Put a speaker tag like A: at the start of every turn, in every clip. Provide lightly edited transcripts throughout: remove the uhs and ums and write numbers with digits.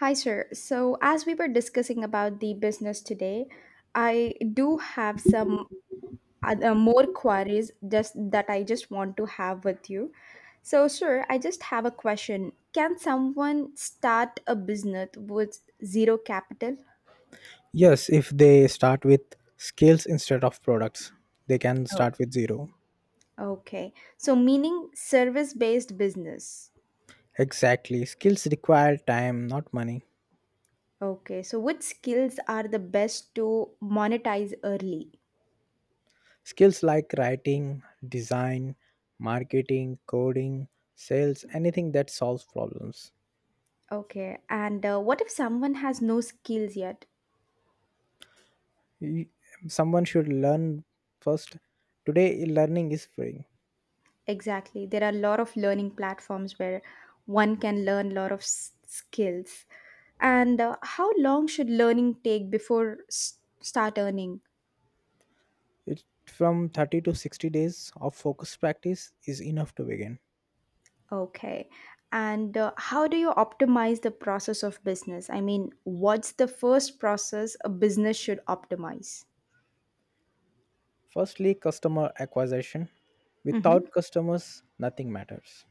A: Hi, sir. So, as we were discussing about the business today, I do have some other more queries just that I just want to have with you. So, sir, I just have a question. Can someone start a business with zero capital?
B: Yes, if they start with skills instead of products, they can
A: Oh,
B: start with zero.
A: okay. So, meaning service-based business.
B: Exactly. Skills require time, not money.
A: Okay. So, which skills are the best to monetize early?
B: Skills like writing, design, marketing, coding, sales, anything that solves problems.
A: Okay. And what if someone has no skills yet?
B: Y- Someone should learn first. Today, learning is free.
A: Exactly. There are a lot of learning platforms where one can learn a lot of skills. And how long should learning take before start earning?
B: It from 30 to 60 days of focused practice is enough to begin.
A: Okay. And how do you optimize the process of business? I mean, what's the first process a business should optimize?
B: Firstly, customer acquisition.
A: Mm-hmm.
B: Without customers, nothing matters.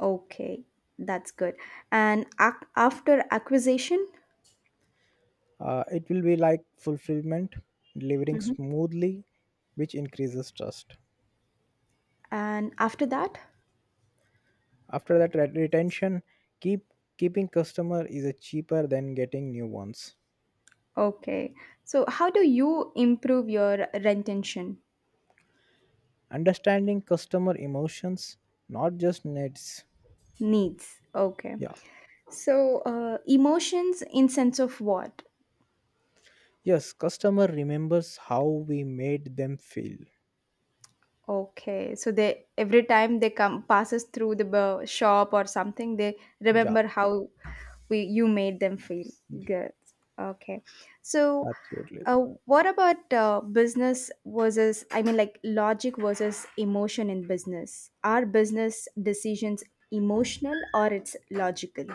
A: Okay, that's good. And after acquisition?
B: It will be like fulfillment, delivering
A: Mhm.
B: smoothly, which increases trust.
A: And after that?
B: After that, retention, keep keeping customer is a cheaper than getting new ones.
A: Okay. So, how do you improve your retention
B: Understanding customer emotions, not just needs.
A: needs? Okay.
B: Yeah.
A: So, emotions in sense of what?
B: Yes, customer remembers how we made them feel.
A: Okay, so they every time they come passes through the shop or something, they
B: Yeah,
A: remember how we you made them feel good. Okay, so
B: absolutely.
A: uh, what about business versus I mean like logic versus emotion in business? Are business decisions emotional or it's logical?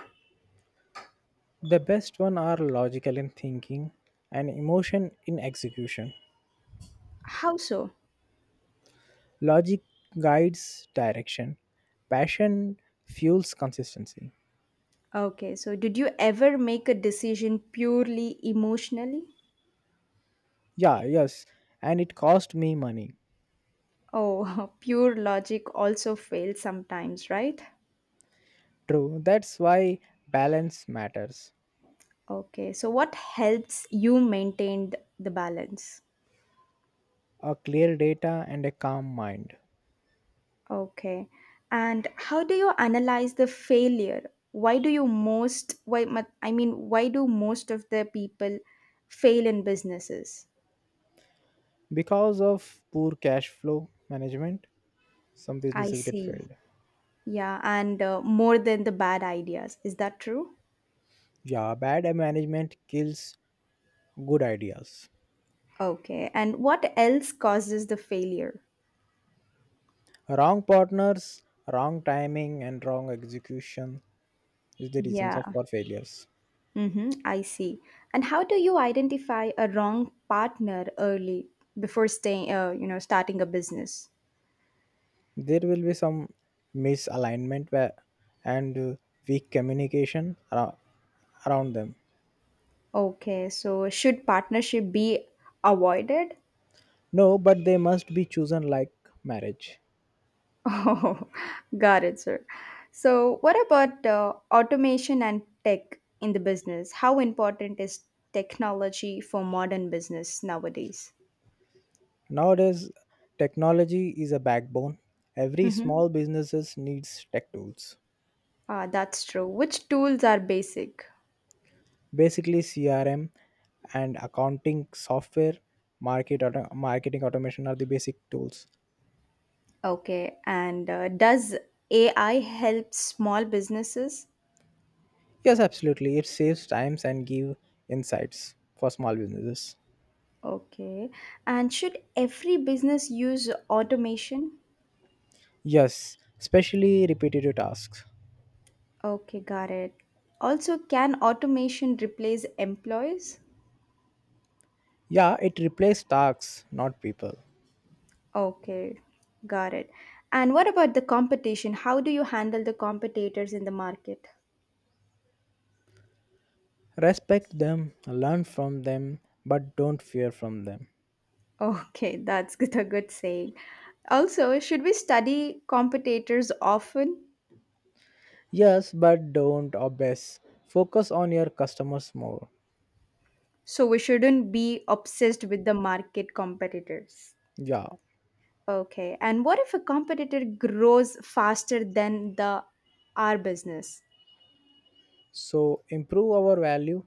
B: The best one are logical in thinking and emotion in execution.
A: How so?
B: Logic guides direction. Passion fuels consistency.
A: Okay, so did you ever make a decision purely emotionally?
B: Yeah, yes. And it cost me money.
A: Oh, pure logic also fails sometimes, right?
B: True. That's why balance matters.
A: Okay, so what helps you maintain the balance?
B: A clear data and a calm mind.
A: Okay, and how do you analyze the failure? Why do you most, why, I mean, why do most of the people fail in businesses?
B: Because of poor cash flow management, some
A: I
B: businesses get
A: see.
B: failed.
A: Yeah, and more than the bad ideas. Is that true?
B: Yeah, bad management kills good ideas.
A: Okay, and what else causes the failure?
B: Wrong partners, wrong timing, and wrong execution is the reasons of
A: Yeah.
B: for failures.
A: Mm-hmm, I see. And how do you identify a wrong partner early before staying, starting a business?
B: There will be some misalignment where, and weak communication around, around them.
A: Okay, so should partnership be avoided?
B: No, but they must be chosen like marriage.
A: Oh, got it, sir. So, what about automation and tech in the business? How important is technology for modern business nowadays?
B: Nowadays, technology is a backbone. Every
A: Mm-hmm.
B: small businesses needs tech tools.
A: Ah, that's true. Which tools are basic?
B: Basically, crm and accounting software, marketing automation are the basic tools.
A: Okay, and does AI help small businesses?
B: Yes, absolutely, it saves times and give insights for small businesses.
A: Okay, and should every business use automation?
B: Yes, especially repetitive tasks.
A: Okay, got it. Also, can automation replace employees?
B: Yeah, it replaced tasks, not people.
A: Okay, got it. And what about the competition? How do you handle the competitors in the market?
B: Respect them, learn from them, but don't fear from them.
A: Okay, that's good, a good saying. Also, should we study competitors often?
B: Yes, but don't obsess. Focus on your customers more.
A: So we shouldn't be obsessed with the market competitors.
B: Yeah.
A: Okay. And what if a competitor grows faster than the our business?
B: So improve our value,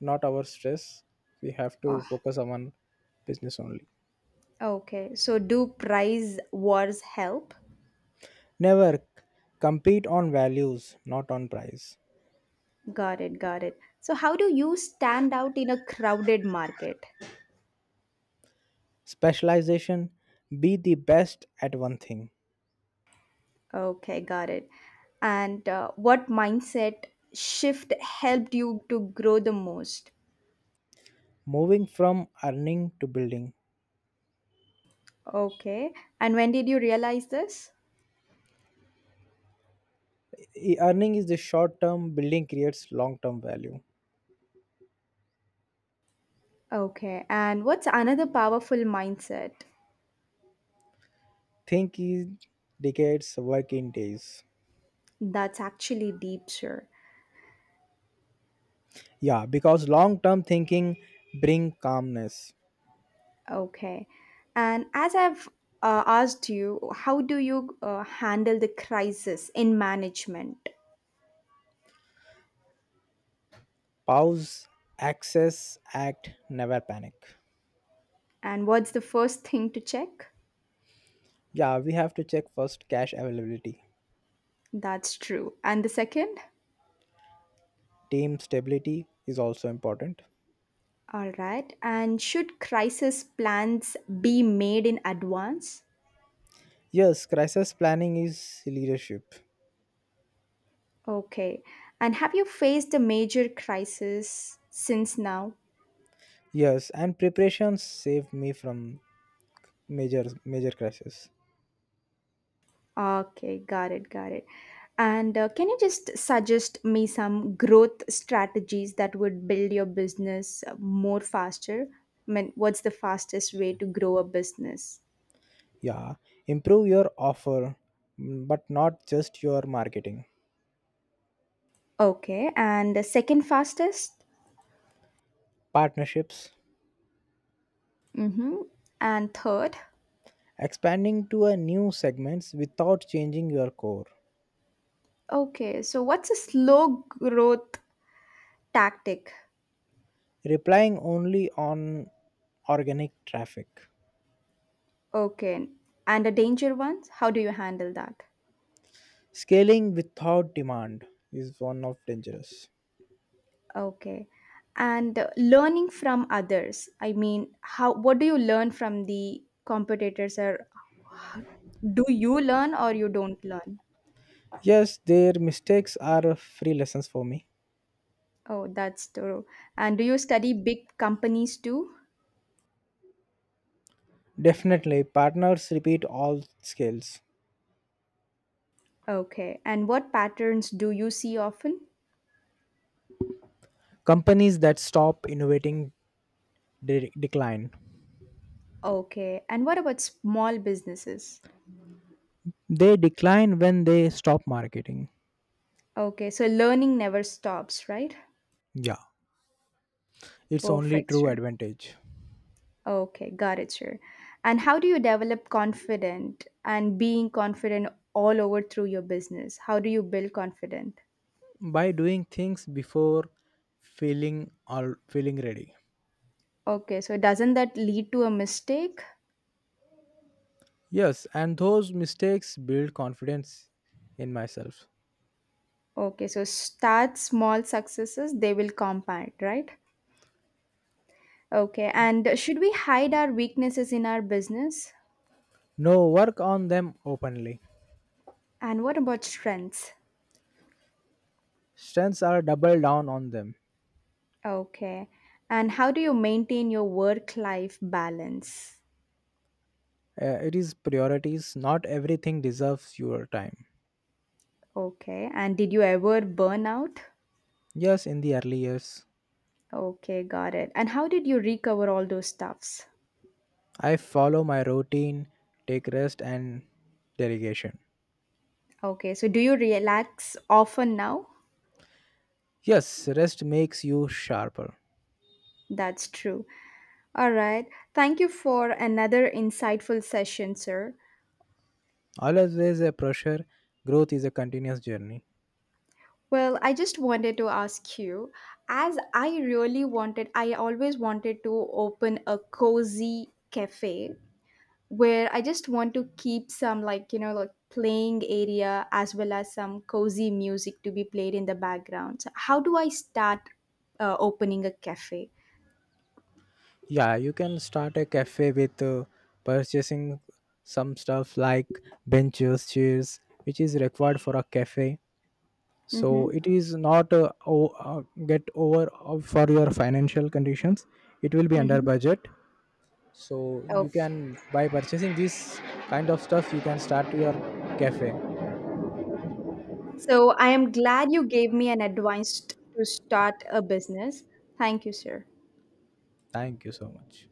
B: not our stress. We have to
A: Oh,
B: focus on business only.
A: okay. So do price wars help?
B: Never compete on values, not on price.
A: Got it, got it. So how do you stand out in a crowded market?
B: Specialization, be the best at one thing.
A: Okay, got it. And what mindset shift helped you to grow the most?
B: Moving from earning to building.
A: Okay. And when did you realize this?
B: Earning is the short term, building creates long term value.
A: Okay, and what's another powerful mindset
B: Think in decades, work in days.
A: that's actually deep, sir?
B: Yeah, because long term thinking bring calmness.
A: Okay, and as I've asked you, how do you handle the crisis in management?
B: Pause, access, act, never panic.
A: And what's the first thing to check?
B: Yeah, we have to check first cash availability.
A: That's true. And the second?
B: Team stability is also important.
A: All right. And should crisis plans be made in advance?
B: Yes, crisis planning is leadership.
A: Okay. And have you faced a major crisis since now?
B: Yes, and preparations save me from major crisis.
A: Okay, got it, got it. And can you just suggest me some growth strategies that would build your business more faster? I mean, what's the fastest way to grow a business?
B: Yeah, improve your offer, mm, but not just your marketing.
A: Okay, and the second fastest?
B: Partnerships,
A: Mm-hmm. And third?
B: expanding to a new segments without changing your core.
A: Okay, so what's a slow growth tactic?
B: Replying only on organic traffic.
A: Okay, and the danger ones. How do you handle that?
B: Scaling without demand is one of dangerous.
A: Okay. And learning from others. I mean, how what do you learn from the competitors or do you learn or you don't learn?
B: Yes, their mistakes are free lessons for me.
A: Oh, that's true. And do you study big companies too?
B: Definitely, partners repeat all scales.
A: Okay. And what patterns do you see often?
B: Companies that stop innovating decline.
A: Okay. And what about small businesses?
B: They decline when they stop marketing.
A: Okay. So learning never stops, right?
B: Yeah, it's only
A: Perfect,
B: true
A: sir.
B: advantage
A: Okay, got it, sure. And how do you develop confident and being confident all over through your business? How do you build confident?
B: by doing things before feeling ready.
A: Okay, so doesn't that lead to a mistake?
B: Yes, and those mistakes build confidence in myself.
A: Okay, so start small successes, they will compound, right? Okay, and should we hide our weaknesses in our business?
B: No, work on them openly.
A: And what about strengths?
B: Strengths are double down on them.
A: Okay, and how do you maintain your work life balance?
B: It is priorities. Not everything deserves your time.
A: Okay, and did you ever burn out?
B: Yes, in the early years,
A: Okay, got it. And how did you recover all those stuffs?
B: I follow my routine, take rest, and delegation.
A: Okay, so do you relax often now?
B: Yes, rest makes you sharper.
A: That's true. All right. Thank you for another insightful session, sir.
B: Always a pressure, growth is a continuous journey.
A: Well, I just wanted to ask you as I really wanted, I always wanted to open a cozy cafe where I just want to keep some like like playing area as well as some cozy music to be played in the background. So how do I start opening a cafe?
B: Yeah, you can start a cafe with purchasing some stuff like benches, chairs, which is required for a cafe, so it
A: Mm-hmm.
B: is not get over for your financial conditions. It will be under
A: Mm-hmm.
B: budget, so
A: Oh,
B: you can by purchasing this kind of stuff you can start your cafe.
A: so I am glad you gave me an advice to start a business. Thank you, sir.
B: Thank you so much.